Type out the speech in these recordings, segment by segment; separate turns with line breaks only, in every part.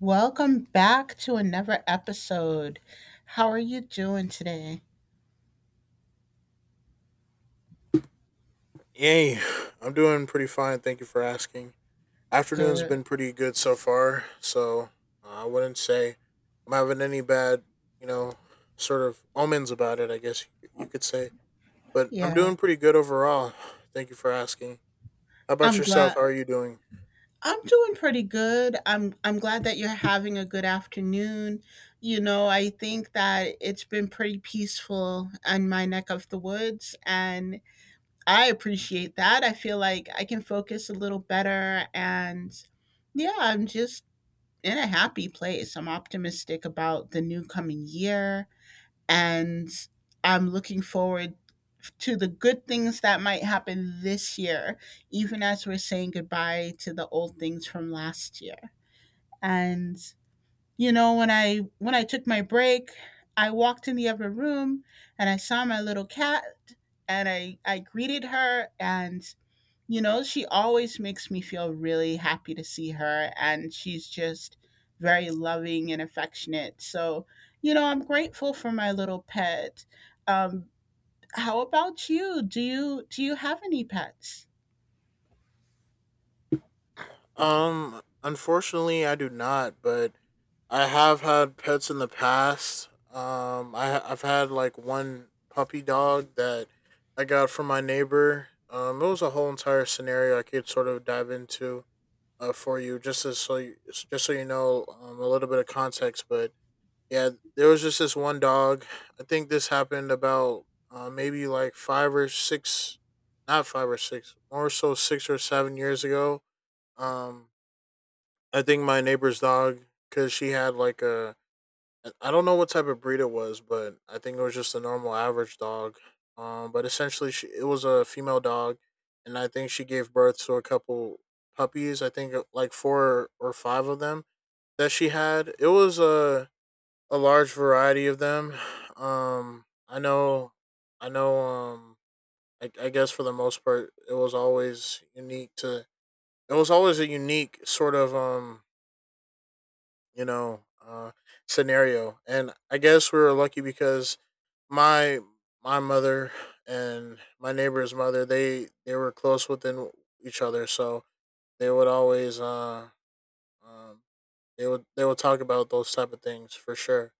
Welcome back to another episode. How are you doing today?
Yay, I'm doing pretty fine. Thank you for asking. Afternoon's
Good.
been pretty good so far, so I wouldn't say I'm having any bad, you know, sort of omens about it. I guess you could say, but I'm
Yeah.
doing pretty good overall. Thank you for asking. How about
I'm
yourself?
glad.
How are you doing?
I'm doing pretty good. I'm glad that you're having a good afternoon. You know, I think that it's been pretty peaceful in my neck of the woods and I appreciate that. I feel like I can focus a little better and yeah, I'm just in a happy place. I'm optimistic about the new coming year and I'm looking forward to the good things that might happen this year, even as we're saying goodbye to the old things from last year. And you know, when I took my break, I walked in the other room and I saw my little cat and I greeted her and you know, she always makes me feel really happy to see her, and she's just very loving and affectionate. So, you know, I'm grateful for my little pet. Um, how about you? Do you have any pets?
Unfortunately, I do not, but I have had pets in the past. I've had like one puppy dog that I got from my neighbor. It was a whole entire scenario I could sort of dive into for you just as so just so you know a little bit of context. But yeah, there was just this one dog. I think this happened about maybe like five or six, not five or six, more so 6 or 7 years ago. Um, I think my neighbor's dog, because she had like a I don't know what type of breed it was, but I think it was just a normal average dog. But essentially, it was a female dog, and I think she gave birth to a couple puppies. I think like four or five of them that she had. It was a large variety of them. I know, I know. I guess for the most part, it was always unique to. It was always a unique sort of you know, uh, scenario, and I guess we were lucky because my my mother and my neighbor's mother, they were close within each other, so they would always um they would talk about those type of things for sure.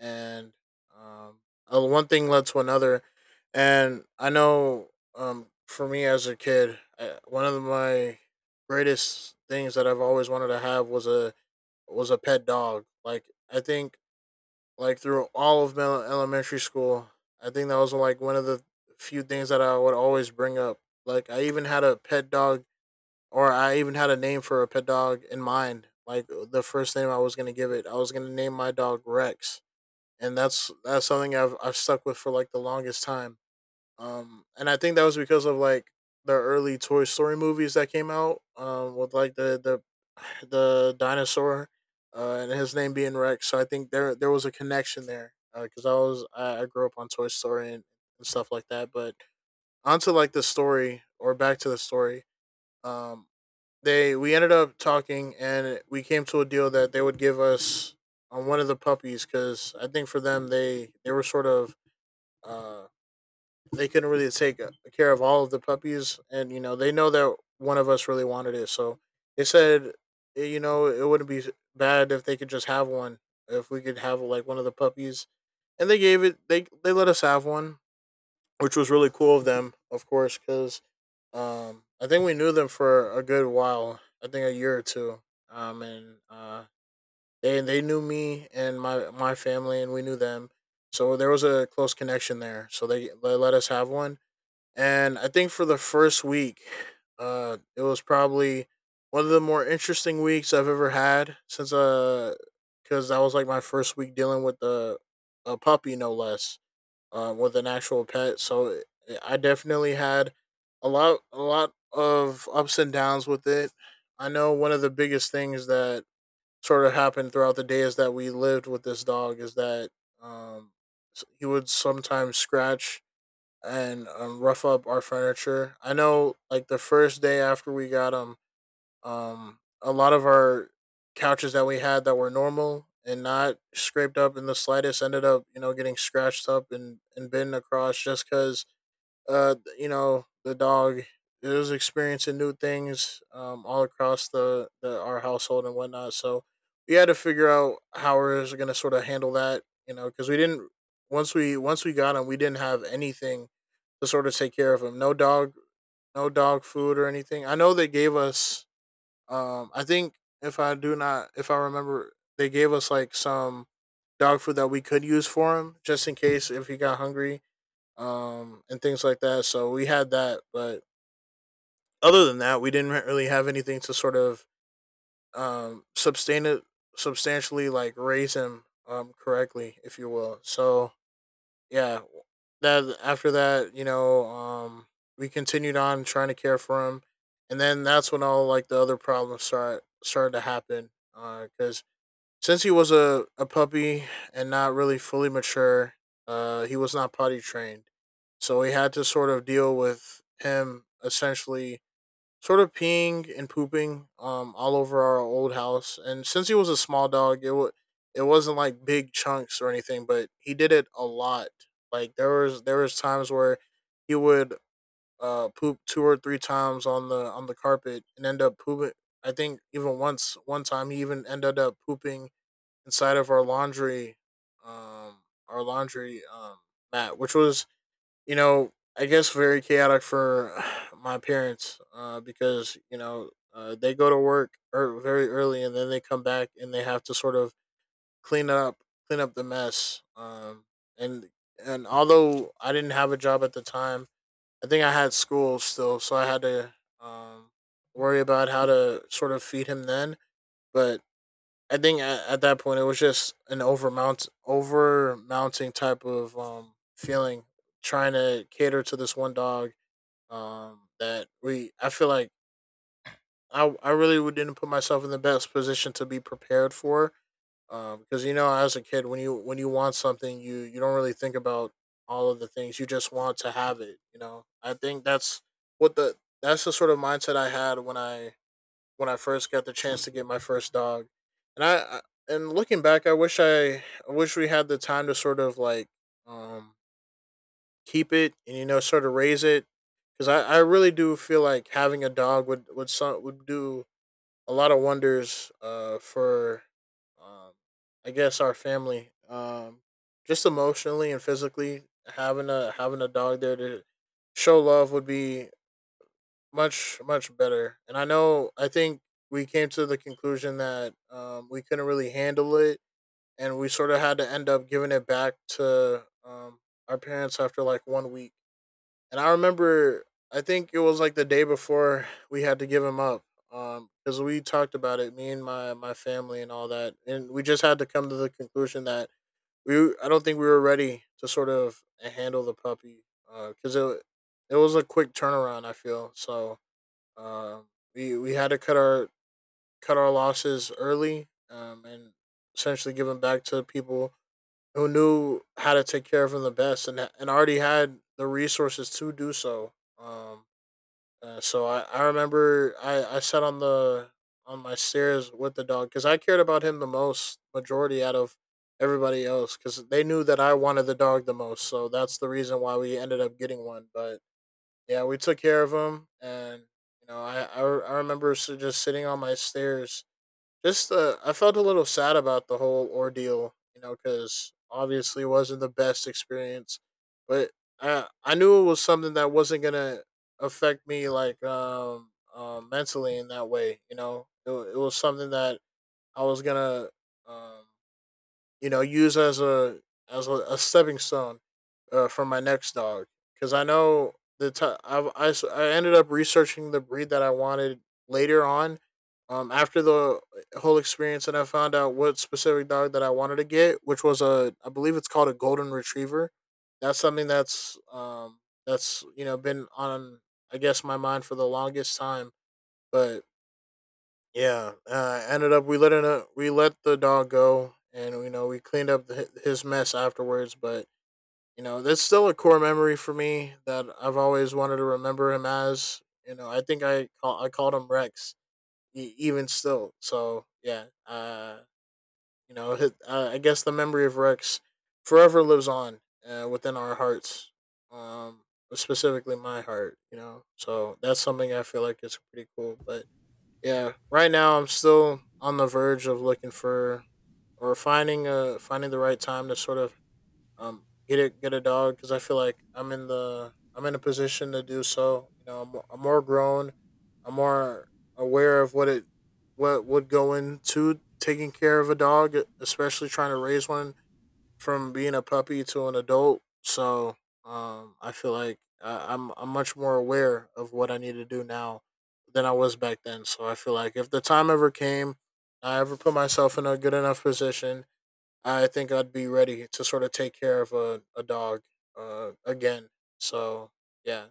and um One thing led to another, and I know for me as a kid, one of my greatest things that I've always wanted to have was a pet dog. Like I think Like through all of elementary school, I think that was like one of the few things that I would always bring up. Like I even had a pet dog, or I even had a name for a pet dog in mind. Like the first name I was gonna give it, I was gonna name my dog Rex, and that's something I've stuck with for like the longest time, and I think that was because of like the early Toy Story movies that came out. With like the the dinosaur, and his name being Rex. So I think there was a connection there, because I grew up on Toy Story and stuff like that. But onto like the story, or back to the story. Um, they we ended up talking, and we came to a deal that they would give us on one of the puppies, because I think for them, they were sort of uh they couldn't really take care of all of the puppies, and you know, they know that one of us really wanted it, so they said, eh, you know, it wouldn't be bad if they could just have one, if we could have like one of the puppies, and they let us have one, which was really cool of them, of course, because I think we knew them for a good while, I think a year or two, and they knew me and my family, and we knew them. So there was a close connection there. So they let us have one, and I think for the first week, it was probably one of the more interesting weeks I've ever had since because that was like my first week dealing with a puppy, no less, with an actual pet. So I definitely had a lot of ups and downs with it. I know one of the biggest things that sort of happened throughout the day is that we lived with this dog, is that um, he would sometimes scratch and rough up our furniture. I know, like the first day after we got them, a lot of our couches that we had that were normal and not scraped up in the slightest ended up, you know, getting scratched up and bitten across, just because you know, the dog, it was experiencing new things all across the our household and whatnot. So we had to figure out how we was gonna sort of handle that, you know, because we didn't, once we got him, we didn't have anything to sort of take care of him. No dog, no dog food or anything. I know they gave us I think if I remember, they gave us like some dog food that we could use for him, just in case if he got hungry and things like that. So we had that, but other than that, we didn't really have anything to sort of sustain it substantially, like raise him correctly, if you will. So yeah, that after that, you know, we continued on trying to care for him, and then that's when all like the other problems started to happen, because since he was a puppy and not really fully mature, he was not potty trained. So we had to sort of deal with him essentially sort of peeing and pooping all over our old house. And since he was a small dog, it wasn't like big chunks or anything, but he did it a lot. Like there was times where he would poop two or three times on the carpet and end up pooping. I think even once one time he even ended up pooping inside of um, our laundry mat, which was, you know, I guess very chaotic for my parents, because you know they go to work very early, and then they come back and they have to sort of clean up clean up the mess, and and although I didn't have a job at the time, I think I had school still, so I had to um worry about how to sort of feed him then, but I think at that point it was just an overmounting type of feeling, trying to cater to this one dog that we I feel like I really didn't put myself in the best position to be prepared for, um, because you know, as a kid, when you want something, you don't really think about all of the things, you just want to have it. You know, I think that's what the that's the sort of mindset I had when I first got the chance to get my first dog, and I and looking back, I wish I wish we had the time to sort of like um keep it and, you know, sort of raise it, because I really do feel like having a dog would some would do a lot of wonders for um, I guess, our family, um, just emotionally and physically. Having a having a dog there to show love would be much better. And I know, I think we came to the conclusion that we couldn't really handle it, and we sort of had to end up giving it back to our parents after like one week. And I remember I think it was like the day before we had to give him up, because we talked about it, me and my family and all that, and we just had to come to the conclusion that we I don't think we were ready to sort of handle the puppy, because it was a quick turnaround, I feel, so um, we had to cut our losses early, and essentially give them back to people who knew how to take care of them the best, and already had the resources to do so. Um, I remember I sat on the on my stairs with the dog because I cared about him the most, majority out of everybody else, because they knew that I wanted the dog the most. So that's the reason why we ended up getting one, but yeah, we took care of him, and you know, I remember just sitting on my stairs. Just I felt a little sad about the whole ordeal, you know, because obviously it wasn't the best experience, but I knew it was something that wasn't gonna affect me like mentally in that way, you know. It was something that I was gonna um use as a a stepping stone for my next dog because I know I ended up researching the breed that I wanted later on. After the whole experience, and I found out what specific dog that I wanted to get, which was a, I believe it's called a golden retriever. That's something that's been on I guess my mind for the longest time, but yeah, ended up we let the dog go, and we cleaned up the, his mess afterwards. But that's still a core memory for me that I've always wanted to remember him as. You know, I called him Rex even still. So yeah, hi I guess the memory of Rex forever lives on within our hearts, um, specifically my heart. You know, so that's something I feel like is pretty cool, but. Yeah, right now I'm still on the verge of looking for or finding the right time to sort of get a dog because I feel like I'm in a position to do so. You know, I'm more grown, I'm more aware of what would go into taking care of a dog, especially trying to raise one from being a puppy to an adult. So I feel like I'm much more aware of what I need to do now than I was back then. So I feel like if the time ever came, I ever put myself in a good enough position, I think I'd be ready to sort of take care of a dog again. So, yeah.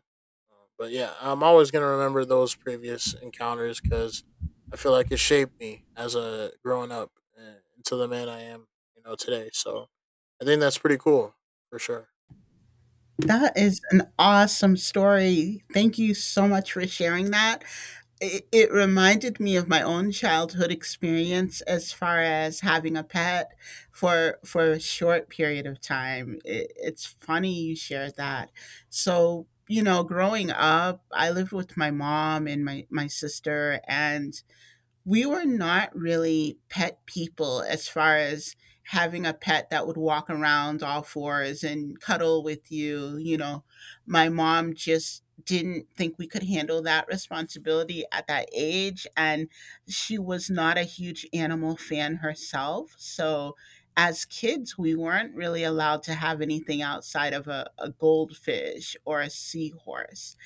But yeah, I'm always going to remember those previous encounters because I feel like it shaped me as a growing up into the man I am, you know, today. So I think that's pretty cool for sure.
That is an awesome story. Thank you so much for sharing that. It reminded me of my own childhood experience as far as having a pet for a short period of time. It's funny you shared that. So, you know, growing up, I lived with my mom and my sister and we were not really pet people as far as having a pet that would walk around all fours and cuddle with you. You know, my mom just didn't think we could handle that responsibility at that age. And she was not a huge animal fan herself. So, as kids, we weren't really allowed to have anything outside of a goldfish or a seahorse.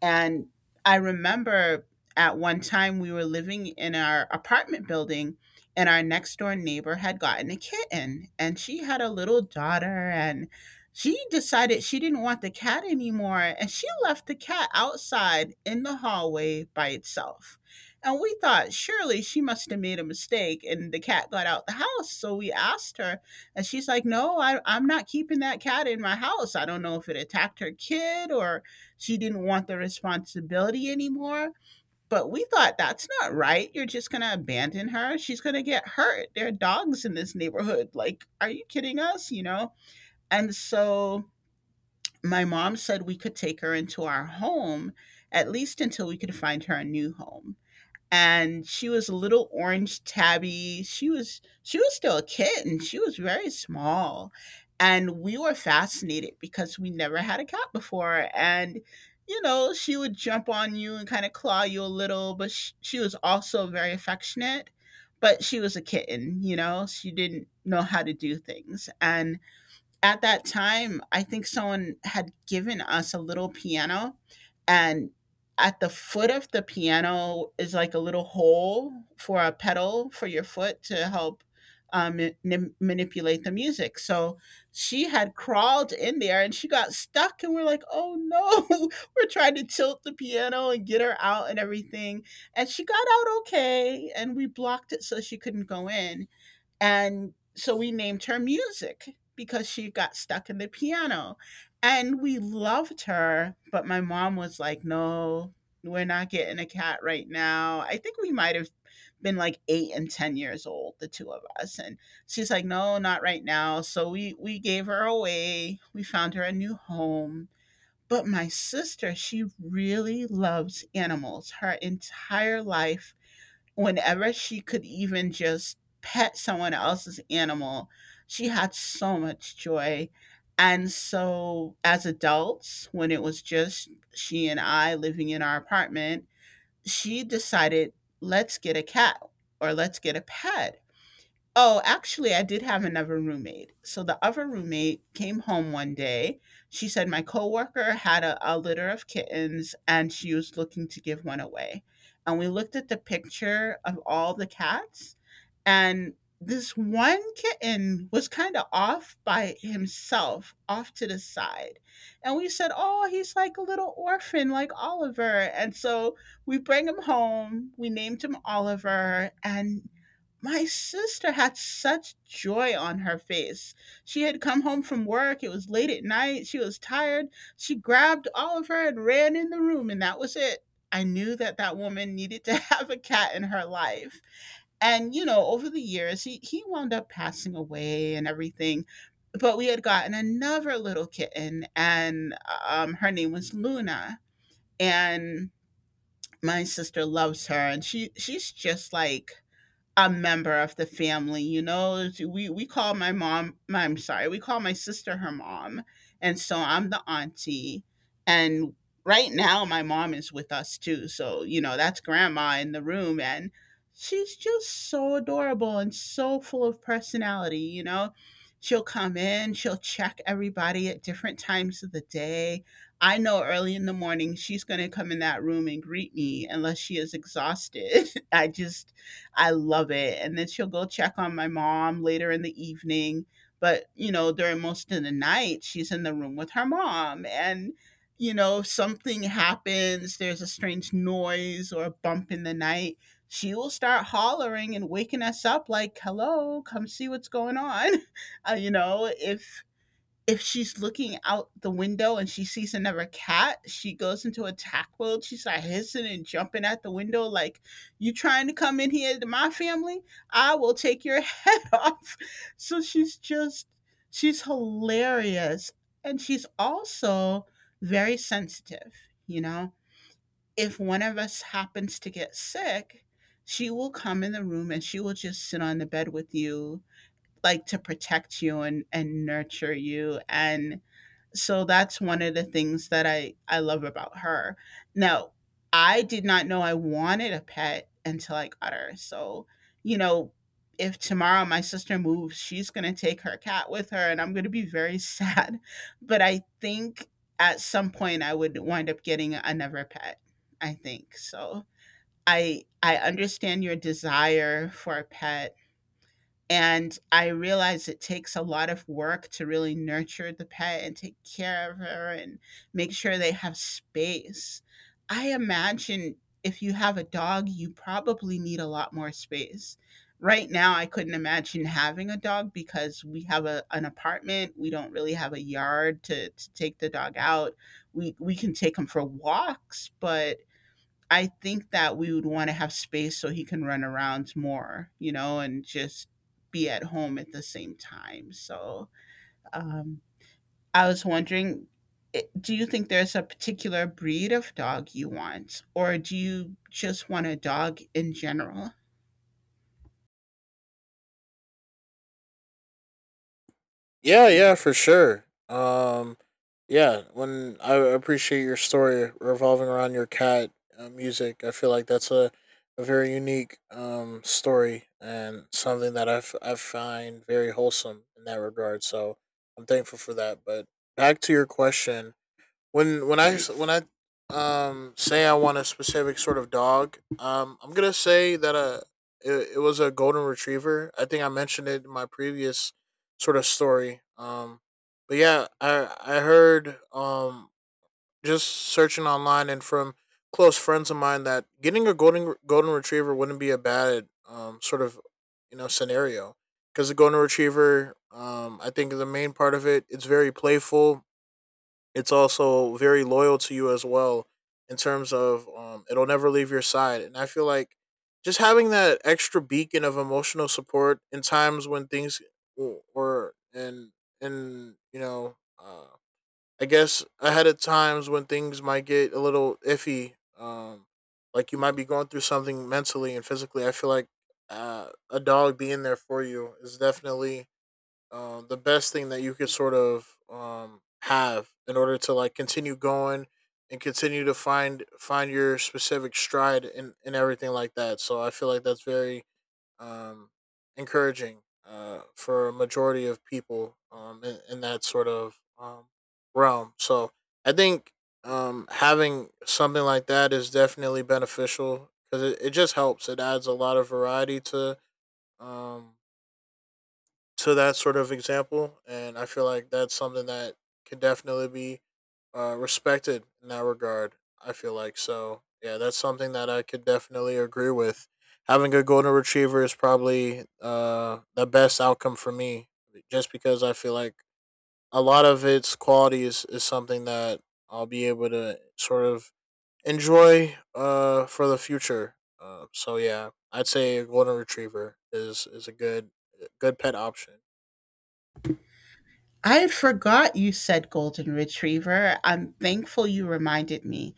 And I remember at one time we were living in our apartment building, and our next door neighbor had gotten a kitten, and she had a little daughter, and she decided she didn't want the cat anymore, and she left the cat outside in the hallway by itself. And we thought surely she must have made a mistake, and the cat got out the house. So we asked her, and she's like, "No, I'm not keeping that cat in my house." I don't know if it attacked her kid or she didn't want the responsibility anymore. But we thought that's not right. You're just going to abandon her. She's going to get hurt. There are dogs in this neighborhood. Like, are you kidding us? You know? And so my mom said we could take her into our home, at least until we could find her a new home, and she was a little orange tabby. She was still a kitten. She was very small. And we were fascinated because we never had a cat before. And, you know, she would jump on you and kind of claw you a little, but she was also very affectionate. But she was a kitten, you know, she didn't know how to do things. And at that time, I think someone had given us a little piano, and at the foot of the piano is like a little hole for a pedal for your foot to help um, ma- manipulate the music. So she had crawled in there and she got stuck, and we're like, oh no, we're trying to tilt the piano and get her out and everything. And she got out okay, and we blocked it so she couldn't go in, and so we named her Music because she got stuck in the piano. And we loved her, but my mom was like, no, we're not getting a cat right now. I think we might have been like eight and 10 years old, the two of us. And she's like, no, not right now. So we gave her away. We found her a new home. But my sister, she really loves animals. Her entire life, whenever she could even just pet someone else's animal, she had so much joy. And so, as adults, when it was just she and I living in our apartment, she decided, let's get a cat or let's get a pet. Oh, actually, I did have another roommate. So the other roommate came home one day. She said my coworker had a litter of kittens and she was looking to give one away. And we looked at the picture of all the cats, and this one kitten was kind of off by himself, off to the side. And we said, oh, he's like a little orphan, like Oliver. And so we bring him home. We named him Oliver. And my sister had such joy on her face. She had come home from work. It was late at night. She was tired. She grabbed Oliver and ran in the room, and that was it. I knew that that woman needed to have a cat in her life. And, you know, over the years, he wound up passing away and everything. But we had gotten another little kitten, and her name was Luna. And my sister loves her, and she's just like a member of the family. You know, we call my mom, I'm sorry, we call my sister her mom, and so I'm the auntie. And right now my mom is with us too, so you know, that's grandma in the room. And she's just so adorable and so full of personality. You know, she'll come in, she'll check everybody at different times of the day. I know early in the morning she's going to come in that room and greet me, unless she is exhausted. I just I love it. And then she'll go check on my mom later in the evening. But, you know, during most of the night, she's in the room with her mom. And, you know, something happens, there's a strange noise or a bump in the night. She will start hollering and waking us up, like, hello, come see what's going on. You know, if she's looking out the window and she sees another cat, she goes into attack mode. She's like hissing and jumping at the window, like, you trying to come in here to my family? I will take your head off. So she's just, she's hilarious. And she's also very sensitive, you know? If one of us happens to get sick, she will come in the room and she will just sit on the bed with you, like to protect you and nurture you. And so that's one of the things that I love about her. Now, I did not know I wanted a pet until I got her. So, you know, if tomorrow my sister moves, she's going to take her cat with her and I'm going to be very sad. But I think at some point I would wind up getting another pet. I think. So, I understand your desire for a pet and I realize it takes a lot of work to really nurture the pet and take care of her and make sure they have space. I imagine if you have a dog, you probably need a lot more space. Right now, I couldn't imagine having a dog because we have an apartment. We don't really have a yard to take the dog out. We can take him for walks, but I think that we would want to have space so he can run around more, you know, and just be at home at the same time. So um, I was wondering, do you think there's a particular breed of dog you want, or do you just want a dog in general?
Yeah, yeah, for sure. Yeah, when I appreciate your story revolving around your cat music. I feel like that's a very unique story and something that I find very wholesome in that regard. So I'm thankful for that. But back to your question, when I say I want a specific sort of dog, I'm gonna say that it was a golden retriever. I think I mentioned it in my previous sort of story. But yeah, I heard just searching online and from close friends of mine that getting a golden retriever wouldn't be a bad sort of scenario because the golden retriever, I think the main part of it, it's very playful. It's also very loyal to you as well in terms of it'll never leave your side. And I feel like just having that extra beacon of emotional support in times when things w- were and you know I guess ahead of times when things might get a little iffy, like you might be going through something mentally and physically. I feel like a dog being there for you is definitely the best thing that you could sort of have in order to like continue going and continue to find your specific stride and everything like that. So I feel like that's very um, encouraging for a majority of people in that sort of realm. So I think having something like that is definitely beneficial because it just helps. It adds a lot of variety um, to that sort of example, and I feel like that's something that can definitely be respected in that regard. I feel like so. Yeah, that's something that I could definitely agree with. Having a golden retriever is probably the best outcome for me, just because I feel like a lot of its qualities is something that I'll be able to sort of enjoy for the future. So yeah, I'd say a golden retriever is a good pet option.
I had forgot you said golden retriever. I'm thankful you reminded me.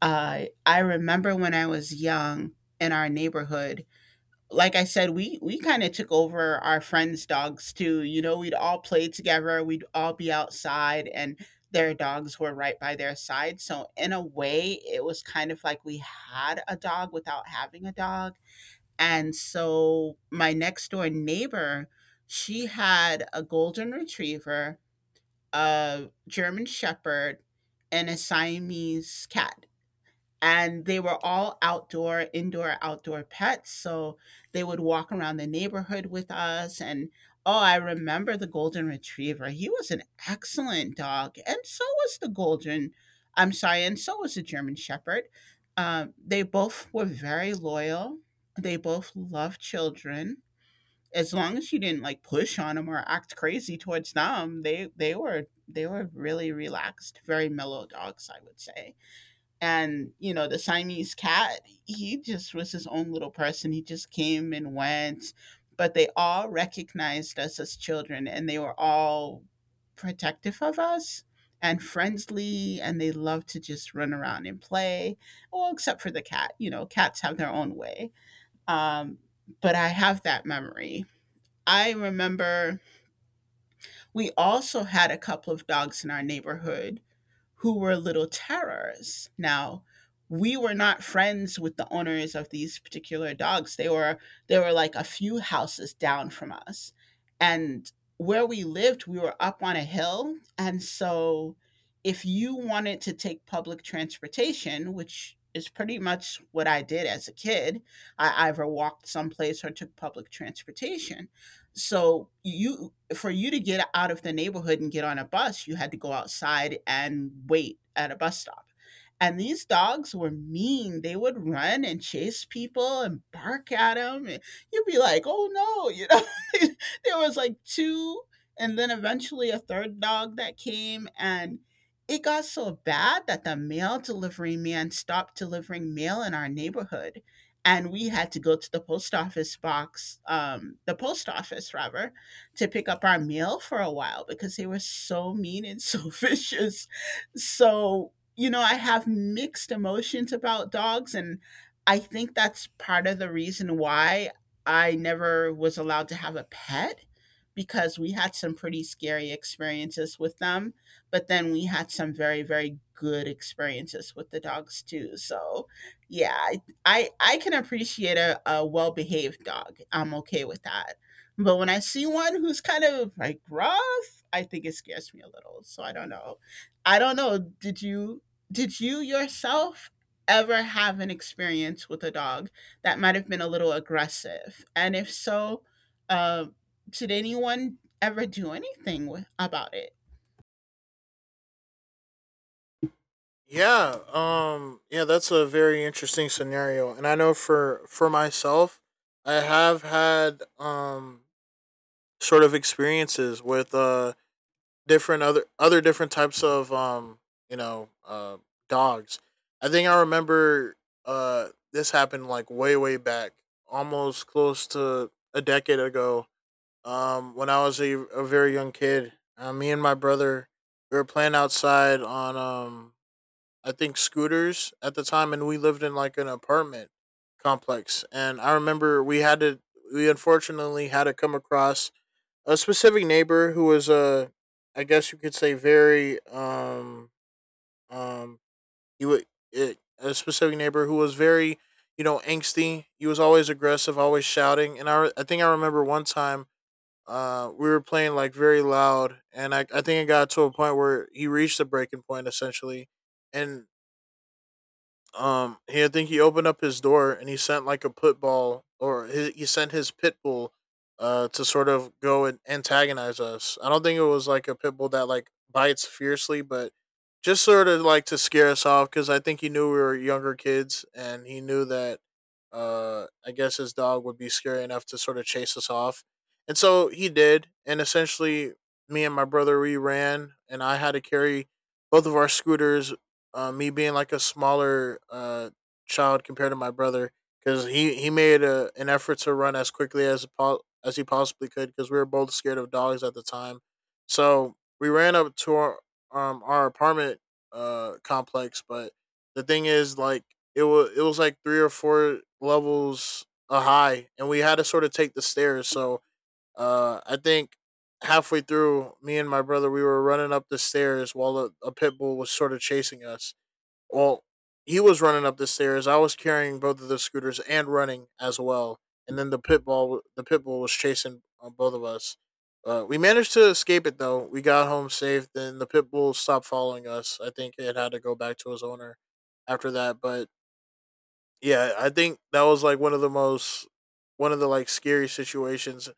I remember when I was young in our neighborhood, like I said, we kind of took over our friends' dogs too. You know, we'd all play together, we'd all be outside, and their dogs were right by their side. So in a way, it was kind of like we had a dog without having a dog. And so my next door neighbor, she had a golden retriever, a German shepherd, and a Siamese cat, and they were all outdoor, indoor, outdoor pets. So they would walk around the neighborhood with us. And oh, I remember the golden retriever, he was an excellent dog, and so was the golden, I'm sorry, and so was the German shepherd. They both were very loyal. They both loved children. As long as you didn't like push on them or act crazy towards them, they were, they were really relaxed, very mellow dogs, I would say. And you know, the Siamese cat, he just was his own little person. He just came and went. But they all recognized us as children, and they were all protective of us and friendly, and they loved to just run around and play. Well, except for the cat. You know, cats have their own way. um, but I have that memory. I remember we also had a couple of dogs in our neighborhood who were little terrors. Now, we were not friends with the owners of these particular dogs. They were, they were like a few houses down from us. And where we lived, we were up on a hill, and so if you wanted to take public transportation, which is pretty much what I did as a kid, I either walked someplace or took public transportation. So you, for you to get out of the neighborhood and get on a bus, you had to go outside and wait at a bus stop. And these dogs were mean. They would run and chase people and bark at them. And you'd be like, oh no, you know, there was like two, and then eventually a third dog that came. And it got so bad that the mail delivery man stopped delivering mail in our neighborhood, and we had to go to the post office box, the post office rather, to pick up our mail for a while because they were so mean and so vicious. So, you know, I have mixed emotions about dogs, and I think that's part of the reason why I never was allowed to have a pet, because we had some pretty scary experiences with them, but then we had some very, very good experiences with the dogs too. So, yeah, I can appreciate a well behaved dog. I'm okay with that. But when I see one who's kind of like rough, I think it scares me a little. So I don't know. I don't know. Did you, did you yourself ever have an experience with a dog that might have been a little aggressive? And if so, uh, did anyone ever do anything with, about it?
Yeah, yeah, that's a very interesting scenario. And I know for myself, I have had sort of experiences with different other different types of you know, dogs. I think I remember this happened like way back, almost close to a decade ago. Um, when I was a very young kid, me and my brother we were playing outside on I think scooters at the time, and we lived in like an apartment complex. And I remember we unfortunately had to come across a specific neighbor who was a, I guess you could say, very um he would a specific neighbor who was very you know angsty. He was always aggressive, always shouting. And I think I remember one time we were playing like very loud, and I think it got to a point where he reached the breaking point essentially, and he I think he opened up his door and he sent like a pit bull, or he sent his pit bull, to sort of go and antagonize us. I don't think it was like a pit bull that like bites fiercely, but just sort of like to scare us off because I think he knew we were younger kids and he knew that, I guess his dog would be scary enough to sort of chase us off, and so he did. And essentially, me and my brother we ran, and I had to carry both of our scooters, me being like a smaller child compared to my brother because he made a, an effort to run as quickly as he possibly could because we were both scared of dogs at the time. So we ran up to our apartment complex, but the thing is, like, it was like three or four levels high, and we had to sort of take the stairs. So I think halfway through, me and my brother we were running up the stairs while a pit bull was sort of chasing us. Well, he was running up the stairs. I was carrying both of the scooters and running as well. And then the pit bull was chasing both of us. We managed to escape it though. We got home safe. Then the pit bull stopped following us. I think it had to go back to his owner after that. But yeah, I think that was like one of the most one of the like scary situations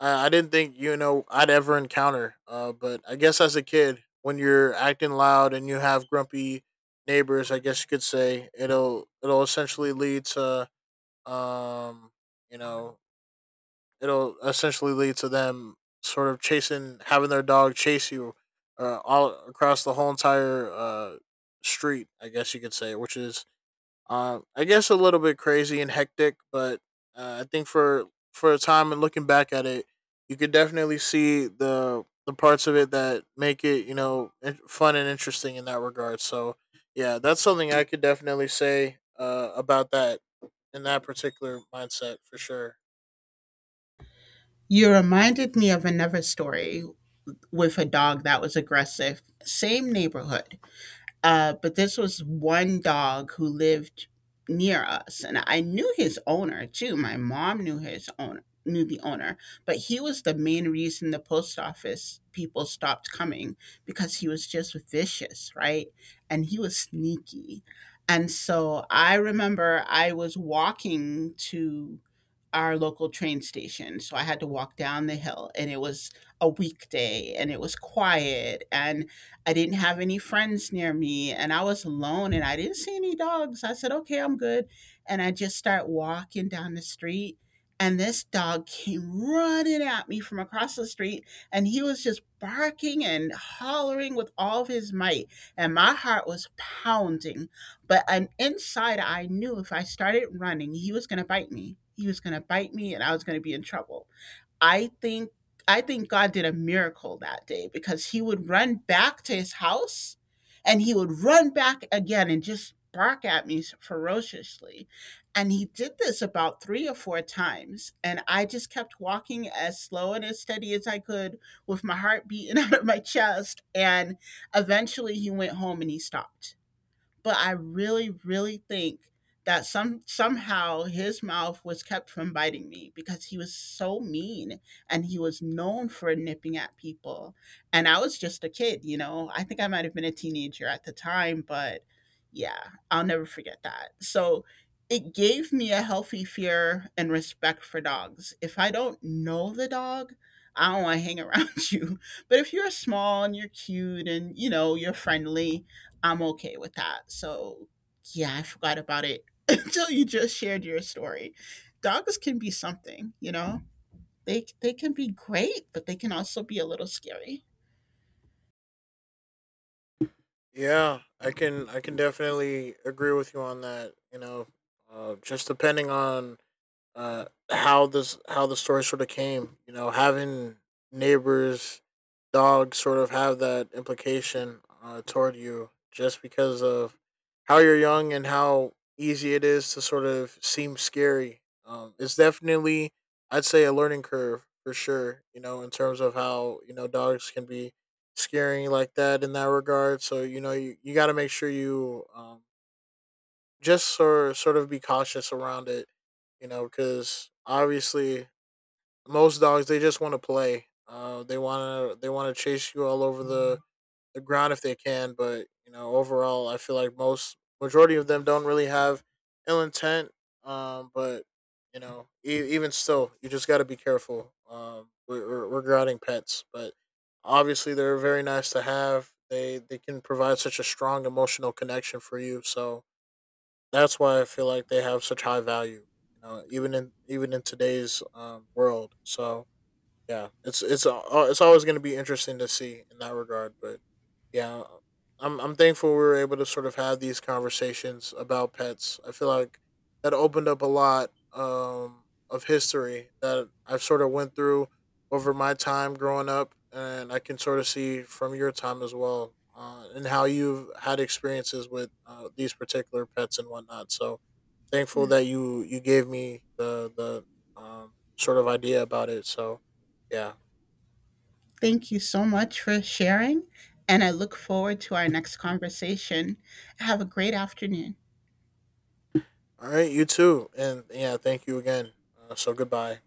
I didn't think you know I'd ever encounter. But I guess as a kid, when you're acting loud and you have grumpy neighbors, I guess you could say it'll essentially lead to um you know it'll essentially lead to them sort of chasing having their dog chase you all across the whole entire street. I guess you could say, which is I guess a little bit crazy and hectic, but I think for a time and looking back at it, you could definitely see the parts of it that make it you know fun and interesting in that regard. So yeah, that's something I could definitely say about that in that particular mindset for sure.
You reminded me of another story with a dog that was aggressive, same neighborhood. But this was one dog who lived near us, and I knew his owner too. My mom knew his owner, knew the owner, but he was the main reason the post office people stopped coming, because he was just vicious, right? And he was sneaky. And so I remember I was walking to our local train station. So I had to walk down the hill, and it was a weekday and it was quiet, and I didn't have any friends near me and I was alone and I didn't see any dogs. I said, okay, I'm good. And I just start walking down the street. And this dog came running at me from across the street, and he was just barking and hollering with all of his might. And my heart was pounding. But an inside I knew if I started running, he was going to bite me. He was going to bite me and I was going to be in trouble. I think I think God did a miracle that day, because he would run back to his house, and he would run back again and just bark at me ferociously. And he did this about three or four times. And I just kept walking as slow and as steady as I could, with my heart beating out of my chest. And eventually he went home and he stopped, but I really, really think that somehow his mouth was kept from biting me, because he was so mean and he was known for nipping at people. And I was just a kid, you know. I think I might have been a teenager at the time, but yeah, I'll never forget that. So it gave me a healthy fear and respect for dogs. If I don't know the dog, I don't want to hang around you. But if you're small and you're cute and you know you're friendly, I'm okay with that. So, yeah, I forgot about it until you just shared your story. Dogs can be something, you know. They can be great, but they can also be a little scary.
Yeah, I can definitely agree with you on that. You know, just depending on how the story sort of came. You know, having neighbors, dogs sort of have that implication toward you just because of how you're young and how easy it is to sort of seem scary. It's definitely, I'd say, a learning curve for sure. You know, in terms of how you know dogs can be scaring like that in that regard. So you know, you got to make sure you just sort of be cautious around it, you know, because obviously most dogs they just want to play. They want to chase you all over the ground if they can, but you know, overall, I feel like most majority of them don't really have ill intent. But you know, even still, you just got to be careful. Regarding pets, but obviously they're very nice to have. They can provide such a strong emotional connection for you. So that's why I feel like they have such high value, you know, even in today's world. So yeah, it's always going to be interesting to see in that regard. But yeah, I'm thankful we were able to sort of have these conversations about pets. I feel like that opened up a lot of history that I've sort of went through over my time growing up, and I can sort of see from your time as well, and how you've had experiences with these particular pets and whatnot. So thankful
Yeah.
that you gave me the um, sort of idea about it. So yeah.
Thank you so much for sharing, and I look forward to our next conversation. Have a great afternoon.
All right. You too. And yeah, thank you again. So goodbye.